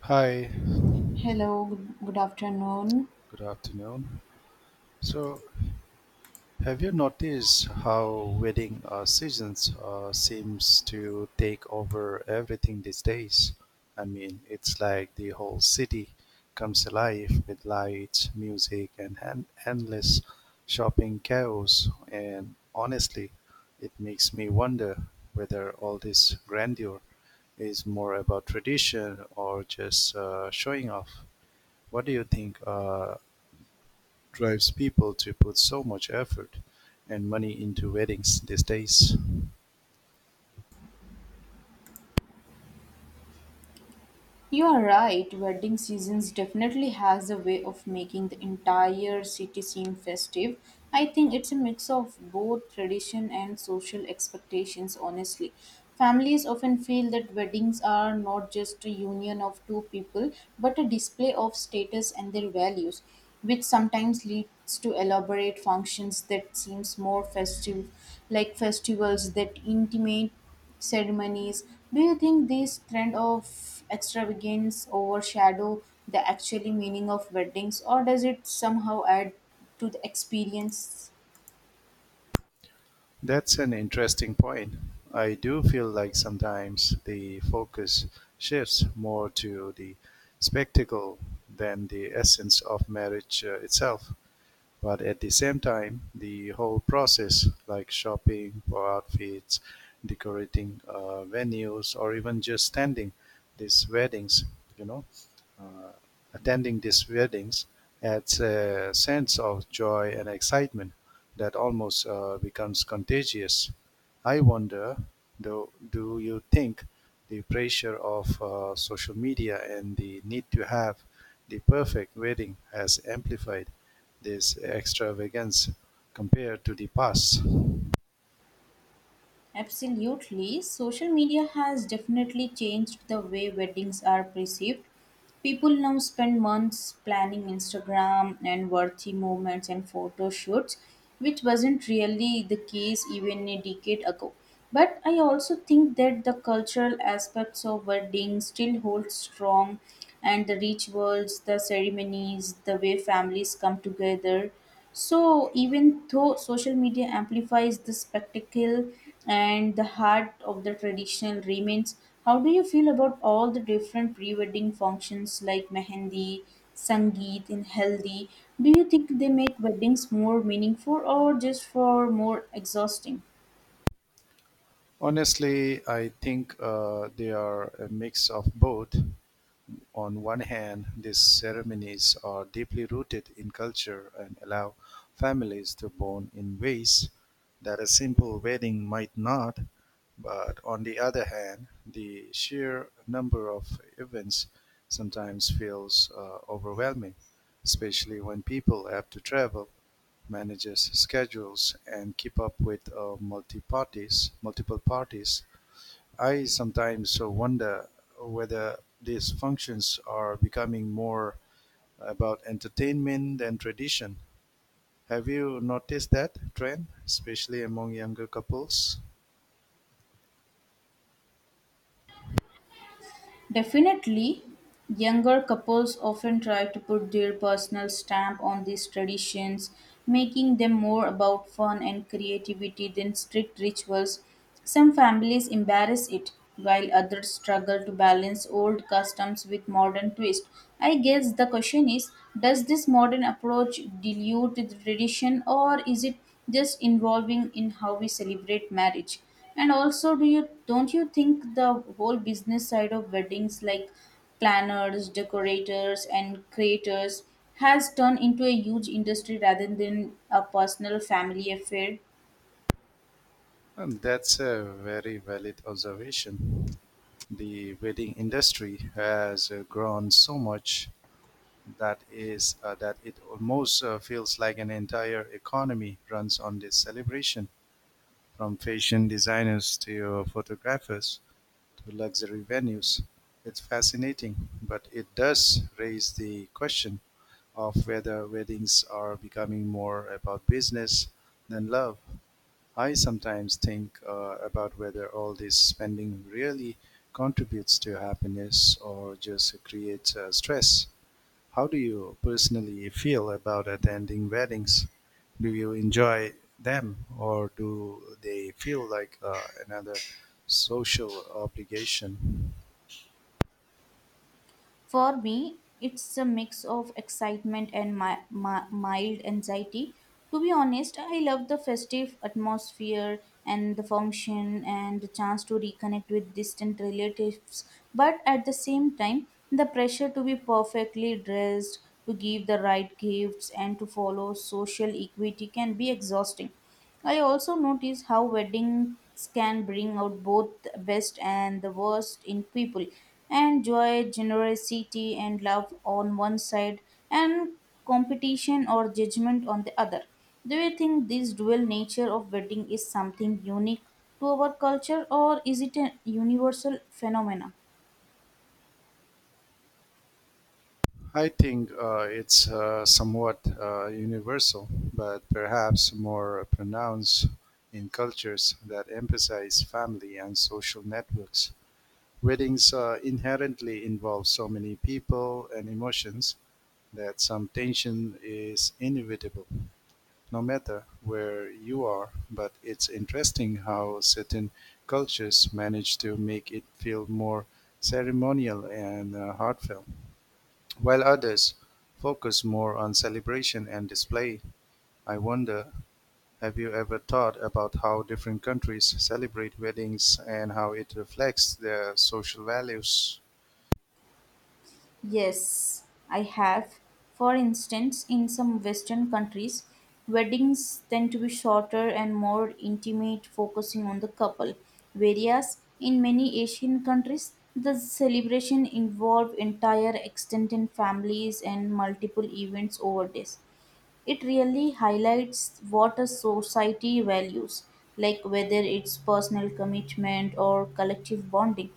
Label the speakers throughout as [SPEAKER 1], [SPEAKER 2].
[SPEAKER 1] Hi,
[SPEAKER 2] Hello, good afternoon.
[SPEAKER 1] good afternoon. So, have you noticed how wedding seasons seems to take over everything these days? I mean, it's like the whole city comes alive with lights, music, and endless shopping chaos. And honestly, it makes me wonder whether all this grandeur is more about tradition or just showing off. What do you think? Drives people to put so much effort and money into weddings these days.
[SPEAKER 2] You are right, wedding seasons definitely has a way of making the entire city seem festive. I think it's a mix of both tradition and social expectations, honestly. Families often feel that weddings are not just a union of two people, but a display of status and their values, which sometimes leads to elaborate functions that seems more festive, like festivals that intimate ceremonies. Do you think this trend of extravagance overshadow the actually meaning of weddings, or does it somehow add to the experience?
[SPEAKER 1] That's an interesting point. I do feel like sometimes the focus shifts more to the spectacle than the essence of marriage itself. But at the same time, the whole process, like shopping for outfits, decorating venues, or even just standing these weddings, you know uh, attending these weddings, adds a sense of joy and excitement that almost becomes contagious. I wonder, do you think the pressure of social media and the need to have the perfect wedding has amplified this extravagance compared to the past?
[SPEAKER 2] Absolutely. Social media has definitely changed the way weddings are perceived. People now spend months planning Instagram and worthy moments and photo shoots, which wasn't really the case even a decade ago. But I also think that the cultural aspects of weddings still hold strong, and the rituals, the ceremonies, the way families come together. So, even though social media amplifies the spectacle and the heart of the traditional remains, how do you feel about all the different pre wedding functions like mehendi, sangeet, and haldi? Do you think they make weddings more meaningful or just for more exhausting?
[SPEAKER 1] Honestly, I think they are a mix of both. On one hand, these ceremonies are deeply rooted in culture and allow families to bond in ways that a simple wedding might not. But on the other hand, the sheer number of events sometimes feels overwhelming, especially when people have to travel, manages schedules, and keep up with multiple parties. I sometimes wonder whether these functions are becoming more about entertainment than tradition. Have you noticed that trend, especially among younger couples?
[SPEAKER 2] Definitely, younger couples often try to put their personal stamp on these traditions, making them more about fun and creativity than strict rituals. Some families embarrass it, while others struggle to balance old customs with modern twist. I guess the question is, does this modern approach dilute the tradition or is it just involving in how we celebrate marriage? And also, do you, don't you think the whole business side of weddings like planners, decorators, and creators has turned into a huge industry rather than a personal family affair?
[SPEAKER 1] And that's a very valid observation. The wedding industry has grown so much that is that it almost feels like an entire economy runs on this celebration, from fashion designers to photographers to luxury venues. It's fascinating, but it does raise the question of whether weddings are becoming more about business than love. I sometimes think about whether all this spending really contributes to happiness or just creates stress. How do you personally feel about attending weddings? Do you enjoy them, or do they feel like another social obligation?
[SPEAKER 2] For me, it's a mix of excitement and mild anxiety. To be honest, I love the festive atmosphere and the function and the chance to reconnect with distant relatives. But at the same time, the pressure to be perfectly dressed, to give the right gifts, and to follow social equity can be exhausting. I also notice how weddings can bring out both the best and the worst in people, and joy, generosity, and love on one side, and competition or judgment on the other. Do you think this dual nature of wedding is something unique to our culture, or is it a universal phenomenon?
[SPEAKER 1] I think it's somewhat universal, but perhaps more pronounced in cultures that emphasize family and social networks. Weddings inherently involve so many people and emotions that some tension is inevitable, no matter where you are. But it's interesting how certain cultures manage to make it feel more ceremonial and heartfelt, while others focus more on celebration and display. I wonder, have you ever thought about how different countries celebrate weddings and how it reflects their social values?
[SPEAKER 2] Yes, I have. For instance, in some Western countries, weddings tend to be shorter and more intimate, focusing on the couple. Whereas in many Asian countries, the celebration involve entire extended families and multiple events over days. It really highlights what a society values, like whether it's personal commitment or collective bonding.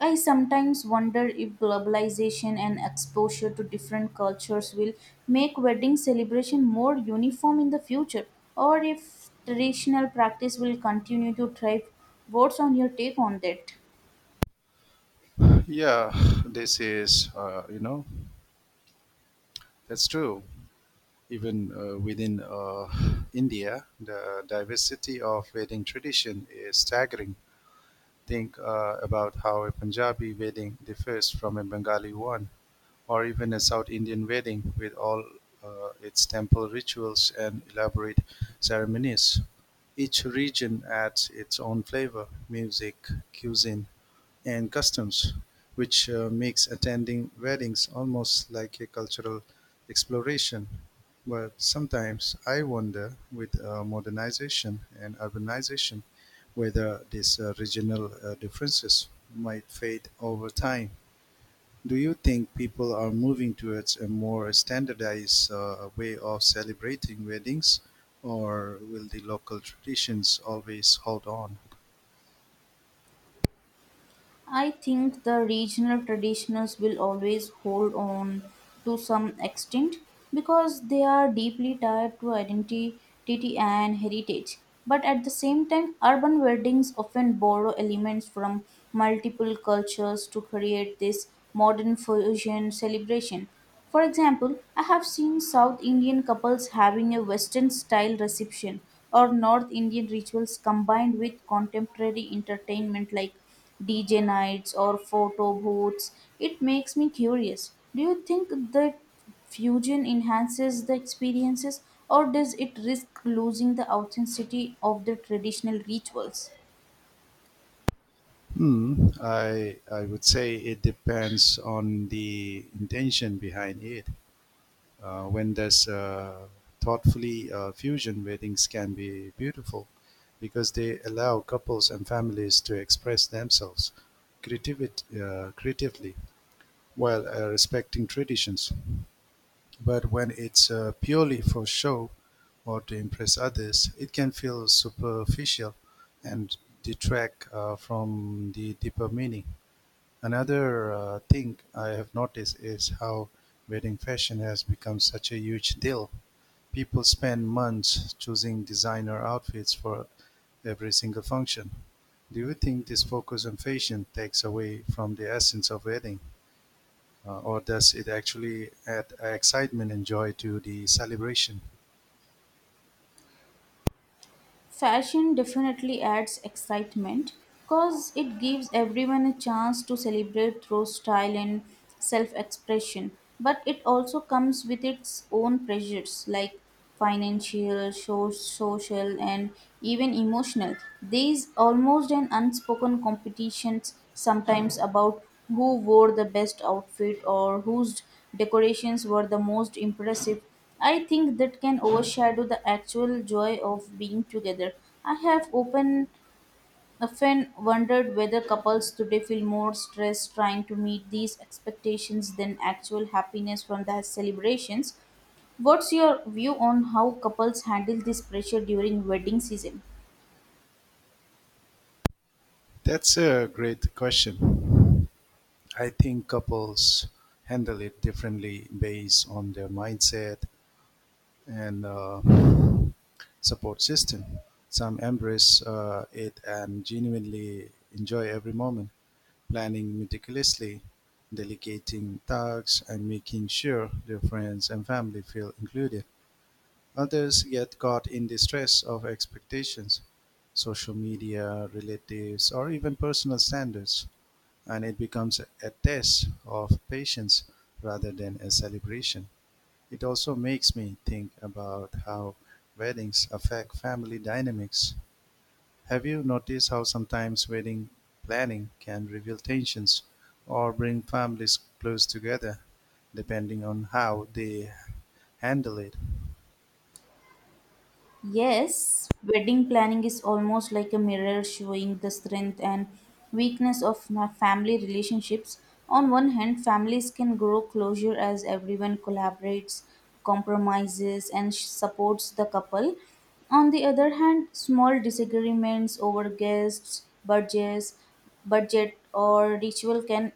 [SPEAKER 2] I sometimes wonder if globalization and exposure to different cultures will make wedding celebration more uniform in the future or if traditional practice will continue to thrive. What's on your take on that?
[SPEAKER 1] Yeah, this is, you know, that's true. Even within India, the diversity of Vedic tradition is staggering. Think about how a Punjabi wedding differs from a Bengali one, or even a South Indian wedding with all its temple rituals and elaborate ceremonies. Each region adds its own flavor, music, cuisine, and customs, which makes attending weddings almost like a cultural exploration. But sometimes I wonder, with modernization and urbanization, whether these regional differences might fade over time. Do you think people are moving towards a more standardized way of celebrating weddings, or will the local traditions always hold on?
[SPEAKER 2] I think the regional traditions will always hold on to some extent because they are deeply tied to identity and heritage. But at the same time, urban weddings often borrow elements from multiple cultures to create this modern fusion celebration. For example, I have seen South Indian couples having a Western style reception or North Indian rituals combined with contemporary entertainment like DJ nights or photo booths. It makes me curious. Do you think that fusion enhances the experiences or does it risk losing the authenticity of the traditional rituals?
[SPEAKER 1] Hmm. I would say it depends on the intention behind it. When there's thoughtfully fusion, weddings can be beautiful because they allow couples and families to express themselves creativit creatively while respecting traditions. But when it's purely for show or to impress others, it can feel superficial and detract from the deeper meaning. Another thing I have noticed is how wedding fashion has become such a huge deal. People spend months choosing designer outfits for every single function. Do you think this focus on fashion takes away from the essence of wedding, or does it actually add excitement and joy to the celebration?
[SPEAKER 2] Fashion definitely adds excitement because it gives everyone a chance to celebrate through style and self expression. But it also comes with its own pressures like financial, social, and even emotional. There is almost an unspoken competition sometimes about who wore the best outfit or whose decorations were the most impressive. I think that can overshadow the actual joy of being together. I have often wondered whether couples today feel more stressed trying to meet these expectations than actual happiness from the celebrations. What's your view on how couples handle this pressure during wedding season?
[SPEAKER 1] That's a great question. I think couples handle it differently based on their mindset and support system. Some embrace it and genuinely enjoy every moment, planning meticulously, delegating tasks, and making sure their friends and family feel included. Others get caught in the stress of expectations, social media, relatives, or even personal standards, and it becomes a test of patience rather than a celebration. It also makes me think about how weddings affect family dynamics. Have you noticed how sometimes wedding planning can reveal tensions or bring families close together, depending on how they handle it?
[SPEAKER 2] Yes, wedding planning is almost like a mirror showing the strength and weakness of my family relationships. On one hand, families can grow closure as everyone collaborates, compromises, and supports the couple. On the other hand, small disagreements over guests, budget, or ritual can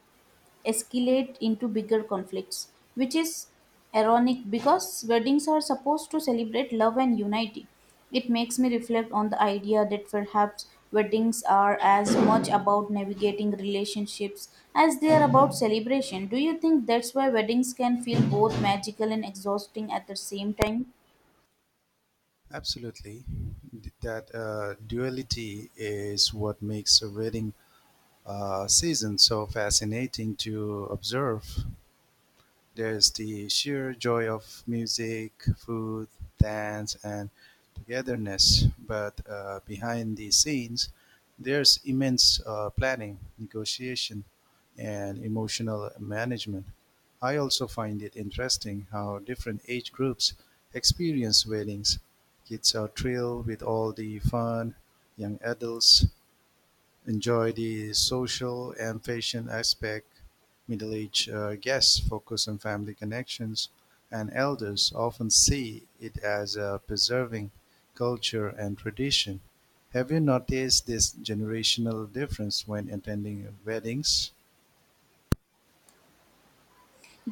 [SPEAKER 2] escalate into bigger conflicts, which is ironic because weddings are supposed to celebrate love and unity. It makes me reflect on the idea that perhaps weddings are as much about navigating relationships as they are about celebration. Do you think that's why weddings can feel both magical and exhausting at the same time?
[SPEAKER 1] Absolutely. That duality is what makes a wedding season so fascinating to observe. There's the sheer joy of music, food, dance, and togetherness. But behind the scenes, there's immense planning, negotiation, and emotional management. I also find it interesting how different age groups experience weddings. Kids are thrilled with all the fun, young adults enjoy the social and fashion aspect. Middle aged guests focus on family connections, and elders often see it as preserving culture and tradition. Have you noticed this generational difference when attending weddings?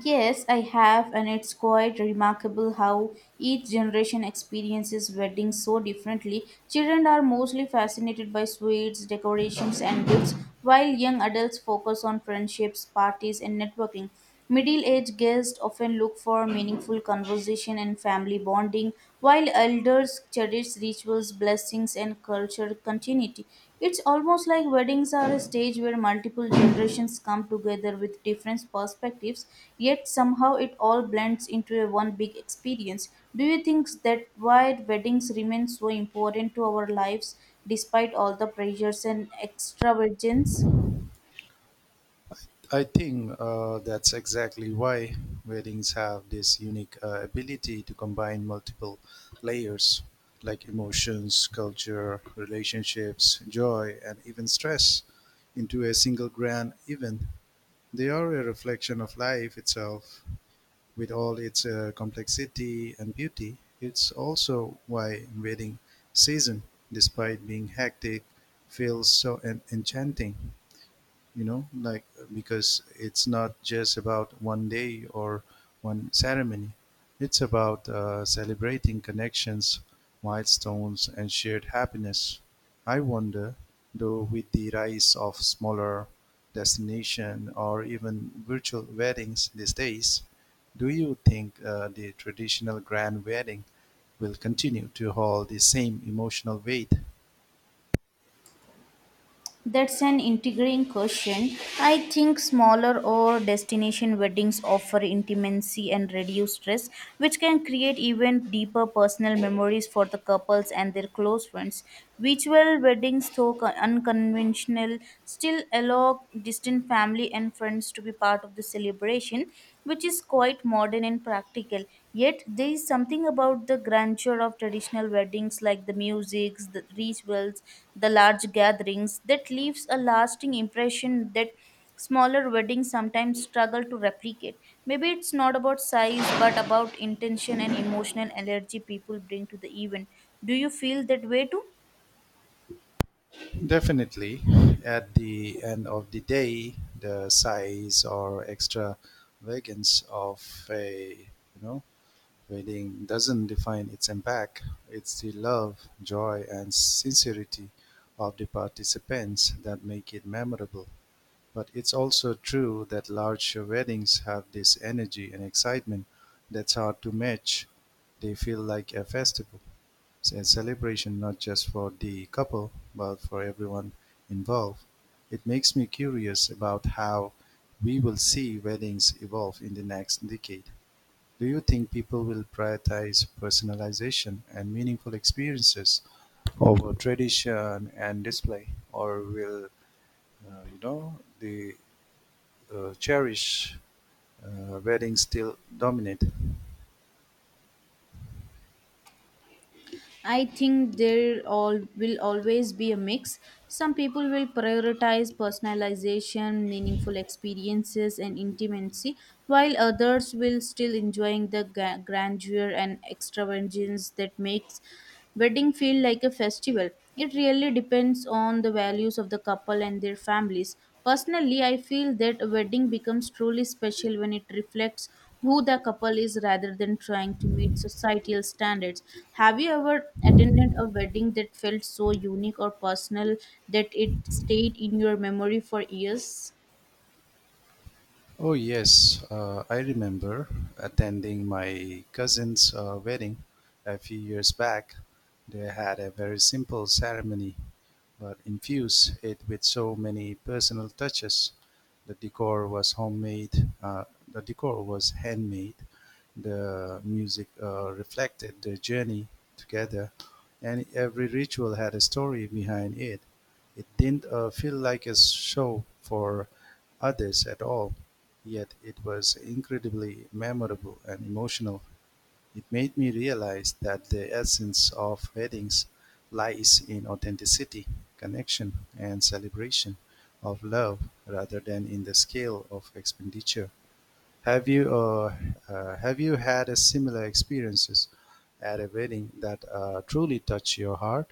[SPEAKER 2] Yes, I have, and it's quite remarkable how each generation experiences weddings so differently. Children are mostly fascinated by sweets, decorations, and gifts, while young adults focus on friendships, parties, and networking. Middle aged guests often look for meaningful conversation and family bonding, while elders cherished rituals, blessings, and culture continuity. It's almost like weddings are a stage where multiple generations come together with different perspectives, yet somehow it all blends into a one big experience. Do you think that why weddings remain so important to our lives despite all the pressures and extravagance?
[SPEAKER 1] I think that's exactly why weddings have this unique ability to combine multiple layers like emotions, culture, relationships, joy, and even stress into a single grand event. They are a reflection of life itself, with all its complexity and beauty. It's also why wedding season, despite being hectic, feels so enchanting, you know, like because it's not just about one day or one ceremony, it's about celebrating connections, milestones, and shared happiness. I wonder, though, with the rise of smaller destination or even virtual weddings these days, do you think the traditional grand wedding will continue to hold the same emotional weight?
[SPEAKER 2] That's an intriguing question. I think smaller or destination weddings offer intimacy and reduce stress, which can create even deeper personal memories for the couples and their close friends. Virtual weddings, though unconventional, still allow distant family and friends to be part of the celebration, which is quite modern and practical. Yet there is something about the grandeur of traditional weddings, like the music, the rituals, the large gatherings, that leaves a lasting impression that smaller weddings sometimes struggle to replicate. Maybe it's not about size, but about intention and emotional energy people bring to the event. Do you feel that way too?
[SPEAKER 1] Definitely, at the end of the day, the size or extravagance of a, you know, wedding doesn't define its impact. It's the love, joy, and sincerity of the participants that make it memorable. But it's also true that large weddings have this energy and excitement that's hard to match. They feel like a festival. It's a celebration not just for the couple, but for everyone involved. It makes me curious about how we will see weddings evolve in the next decade. Do you think people will prioritize personalization and meaningful experiences over tradition and display, or will the cherish weddings still dominate?
[SPEAKER 2] I think there all will always be a mix. Some people will prioritize personalization, meaningful experiences, and intimacy, while others will still enjoying the grandeur and extravagance that makes wedding feel like a festival. It really depends on the values of the couple and their families. Personally, I feel that a wedding becomes truly special when it reflects who the couple is rather than trying to meet societal standards. Have you ever attended a wedding that felt so unique or personal that it stayed in your memory for years?
[SPEAKER 1] Oh, yes, I remember attending my cousin's wedding a few years back. They had a very simple ceremony, but infused it with so many personal touches. The decor was handmade, the music reflected the journey together, and every ritual had a story behind it. It didn't feel like a show for others at all. Yet it was incredibly memorable and emotional. It made me realize that the essence of weddings lies in authenticity, connection, and celebration of love rather than in the scale of expenditure. Have you uh, have you had a similar experiences at a wedding that truly touch your heart?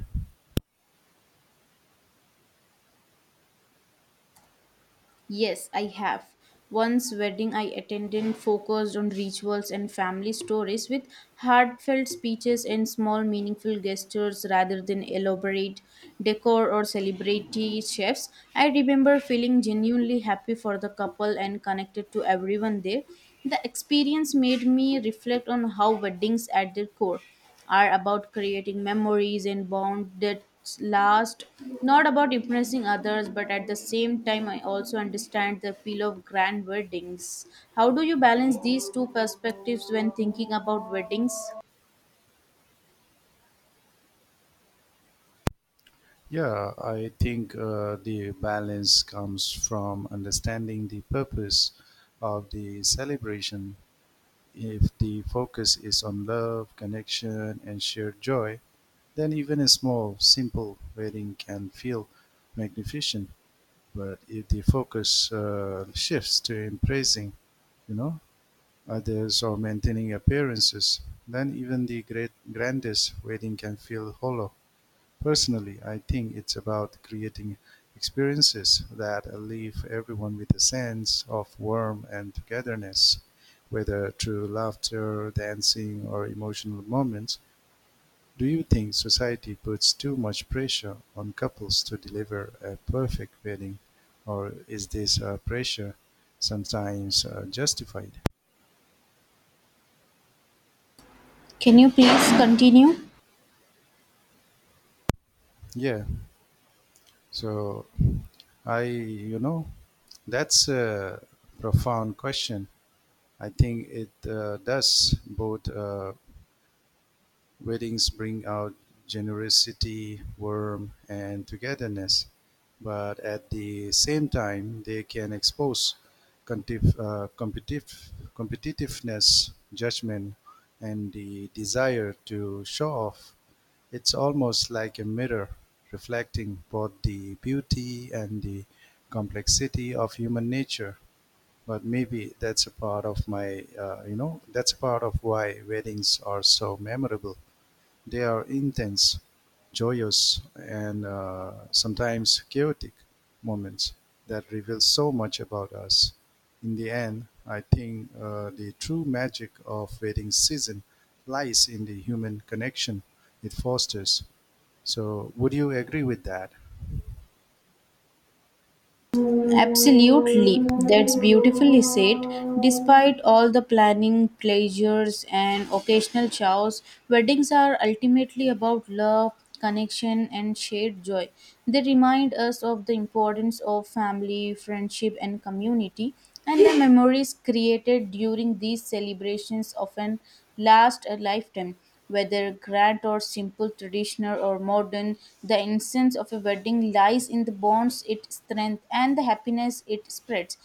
[SPEAKER 2] Yes, I have. Once wedding I attended focused on rituals and family stories with heartfelt speeches and small meaningful gestures rather than elaborate decor or celebrity chefs. I remember feeling genuinely happy for the couple and connected to everyone there. The experience made me reflect on how weddings at their core are about creating memories and bond that last, not about impressing others. But at the same time, I also understand the appeal of grand weddings. How do you balance these two perspectives when thinking about weddings?
[SPEAKER 1] Yeah, I think the balance comes from understanding the purpose of the celebration. If the focus is on love, connection, and shared joy, then even a small, simple wedding can feel magnificent. But if the focus shifts to impressing, you know, others or maintaining appearances, then even the great grandest wedding can feel hollow. Personally, I think it's about creating experiences that leave everyone with a sense of warmth and togetherness, whether through laughter, dancing, or emotional moments. Do you think society puts too much pressure on couples to deliver a perfect wedding, or is this pressure sometimes justified?
[SPEAKER 2] Can you please continue?
[SPEAKER 1] Yeah, so I, you know, that's a profound question. I think it does. Both weddings bring out generosity, warmth, and togetherness, but at the same time, they can expose competitiveness, judgment, and the desire to show off. It's almost like a mirror reflecting both the beauty and the complexity of human nature. But maybe that's a part of my you know that's a part of why weddings are so memorable. They are intense, joyous, and sometimes chaotic moments that reveal so much about us. In the end, I think the true magic of wedding season lies in the human connection it fosters. So, would you agree with that?
[SPEAKER 2] Absolutely, that's beautifully said. Despite all the planning, pleasures, and occasional chows, weddings are ultimately about love, connection, and shared joy. They remind us of the importance of family, friendship, and community, and the memories created during these celebrations often last a lifetime. Whether grand or simple, traditional or modern, the essence of a wedding lies in the bonds it strengthens and the happiness it spreads.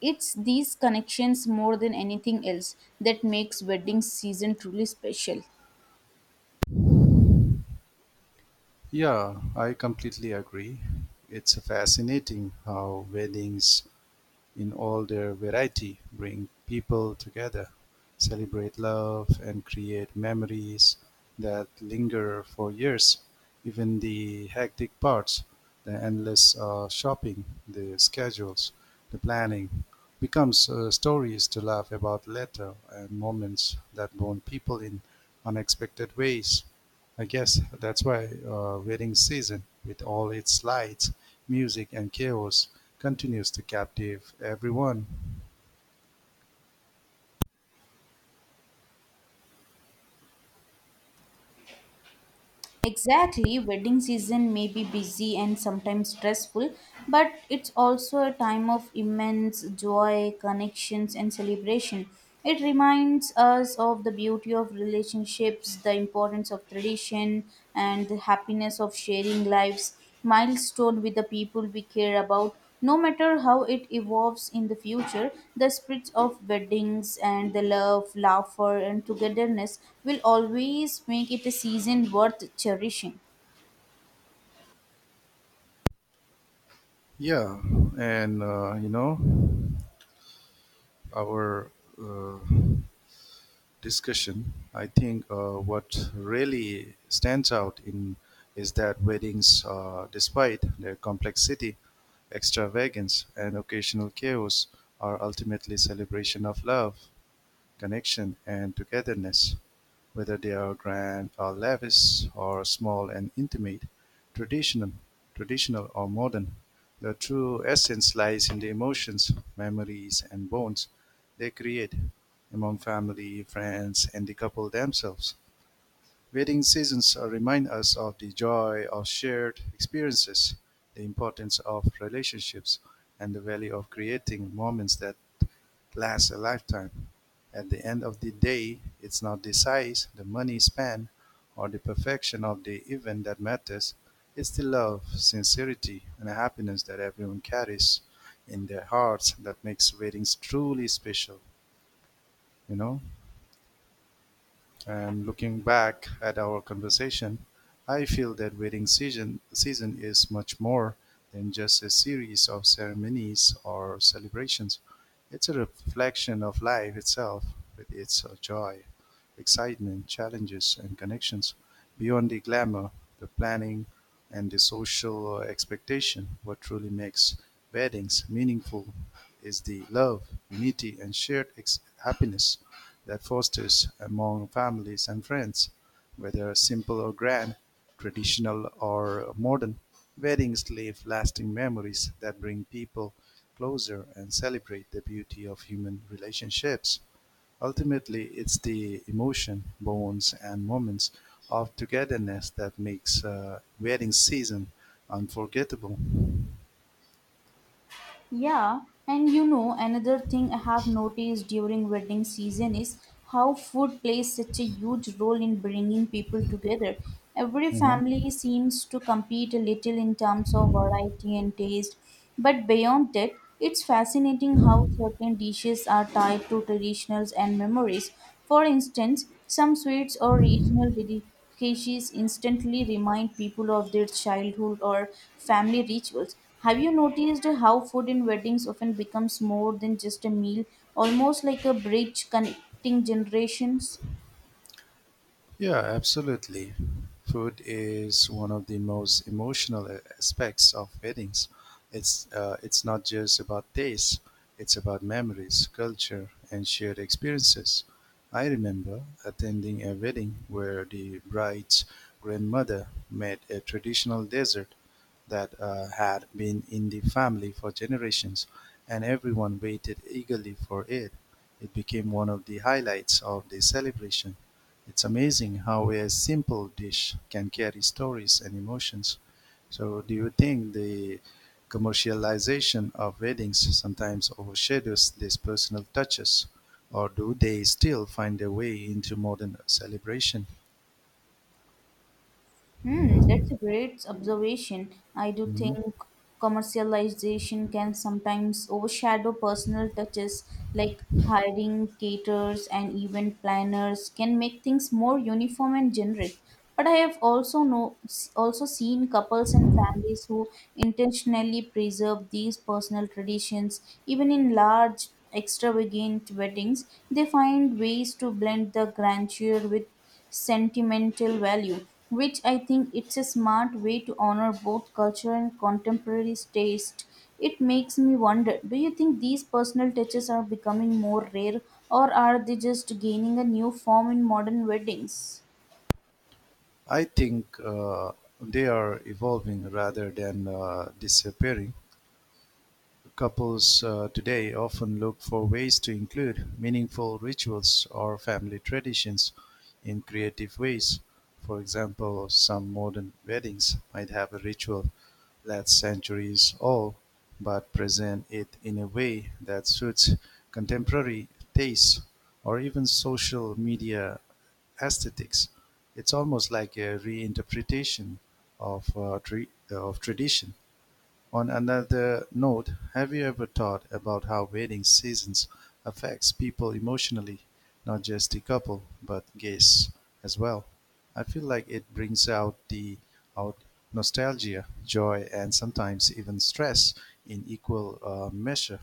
[SPEAKER 2] It's these connections more than anything else that makes wedding season truly special.
[SPEAKER 1] Yeah, I completely agree. It's fascinating how weddings, in all their variety, bring people together, celebrate love, and create memories that linger for years. Even the hectic parts, the endless shopping, the schedules, the planning, becomes stories to laugh about later and moments that bond people in unexpected ways. I guess that's why wedding season, with all its lights, music, and chaos, continues to captivate everyone.
[SPEAKER 2] Exactly, wedding season may be busy and sometimes stressful, but it's also a time of immense joy, connections, and celebration. It reminds us of the beauty of relationships, the importance of tradition, and the happiness of sharing lives, milestone with the people we care about. No matter how it evolves in the future, the spirit of weddings and the love, laughter, and togetherness will always make it a season worth cherishing.
[SPEAKER 1] Yeah, and, you know, our uh, discussion, I think what really stands out in is that weddings, despite their complexity, extravagance, and occasional chaos, are ultimately celebration of love, connection, and togetherness, whether they are grand or lavish or small and intimate, traditional, traditional or modern. The true essence lies in the emotions, memories, and bonds they create among family, friends, and the couple themselves. Wedding seasons remind us of the joy of shared experiences, the importance of relationships, and the value of creating moments that last a lifetime. At the end of the day, it's not the size, the money spent, or the perfection of the event that matters. It's the love, sincerity, and happiness that everyone carries in their hearts that makes weddings truly special, you know? And looking back at our conversation, I feel that season is much more than just a series of ceremonies or celebrations. It's a reflection of life itself, with its joy, excitement, challenges, and connections. Beyond the glamour, the planning, and the social expectation, what truly makes weddings meaningful is the love, unity, and happiness that fosters, among families and friends. Whether simple or grand, traditional or modern, weddings leave lasting memories that bring people closer and celebrate the beauty of human relationships. Ultimately, it's the emotion, bonds, and moments of togetherness that makes wedding season unforgettable.
[SPEAKER 2] Yeah, and you know, another thing I have noticed during wedding season is how food plays such a huge role in bringing people together. Every
[SPEAKER 1] Mhm.
[SPEAKER 2] family seems to compete a little in terms of variety and taste, but beyond that, it's fascinating how certain dishes are tied to traditions and memories. For instance, some sweets or regional species instantly remind people of their childhood or family rituals. Have you noticed how food in weddings often becomes more than just a meal, almost like a bridge connecting generations?
[SPEAKER 1] Yeah, absolutely. Food is one of the most emotional aspects of weddings. It's not just about taste; it's about memories, culture, and shared experiences. I remember attending a wedding where the bride's grandmother made a traditional dessert that had been in the family for generations, and everyone waited eagerly for it. It became one of the highlights of the celebration. It's amazing how a simple dish can carry stories and emotions. So, do you think the commercialization of weddings sometimes overshadows these personal touches, or do they still find their way into modern celebration?
[SPEAKER 2] Hmm, that's a great observation. I do
[SPEAKER 1] Mhm.
[SPEAKER 2] think commercialization can sometimes overshadow personal touches like hiring caterers and event planners can make things more uniform and generic. But I have also no also seen couples and families who intentionally preserve these personal traditions even in large extravagant weddings. They find ways to blend the grandeur with sentimental value, which I think it's a smart way to honor both culture and contemporary taste. It makes me wonder, do you think these personal touches are becoming more rare or are they just gaining a new form in modern weddings?
[SPEAKER 1] I think they are evolving rather than disappearing. Couples today often look for ways to include meaningful rituals or family traditions in creative ways. For example, some modern weddings might have a ritual that's centuries old, but present it in a way that suits contemporary tastes or even social media aesthetics. It's almost like a reinterpretation of, of tradition. On another note, have you ever thought about how wedding seasons affects people emotionally, not just the couple, but guests as well? I feel like it brings out the out nostalgia, joy, and sometimes even stress in equal measure.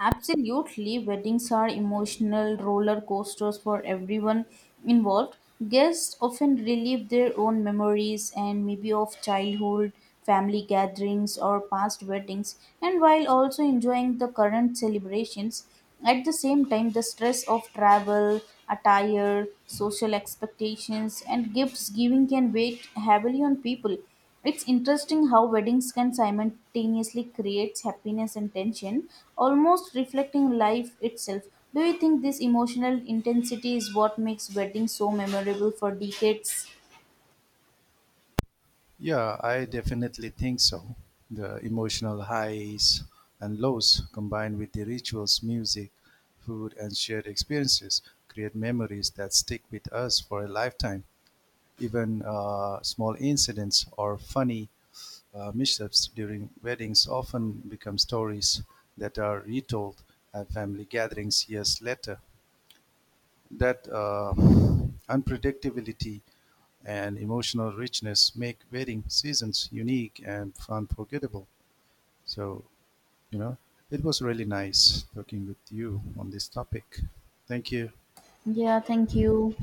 [SPEAKER 2] Absolutely, weddings are emotional roller coasters for everyone involved. Guests often relive their own memories and maybe of childhood, family gatherings, or past weddings, and while also enjoying the current celebrations. At the same time, the stress of travel, attire, social expectations, and gifts giving can weigh heavily on people. It's interesting how weddings can simultaneously create happiness and tension, almost reflecting life itself. Do you think this emotional intensity is what makes weddings so memorable for decades?
[SPEAKER 1] Yeah, I definitely think so. The emotional highs and lows combined with the rituals, music, food, and shared experiences create memories that stick with us for a lifetime. Even small incidents or funny mishaps during weddings often become stories that are retold at family gatherings years later. That unpredictability and emotional richness make wedding seasons unique and unforgettable. So, you know, it was really nice talking with you on this topic. Thank you.
[SPEAKER 2] Yeah, thank you.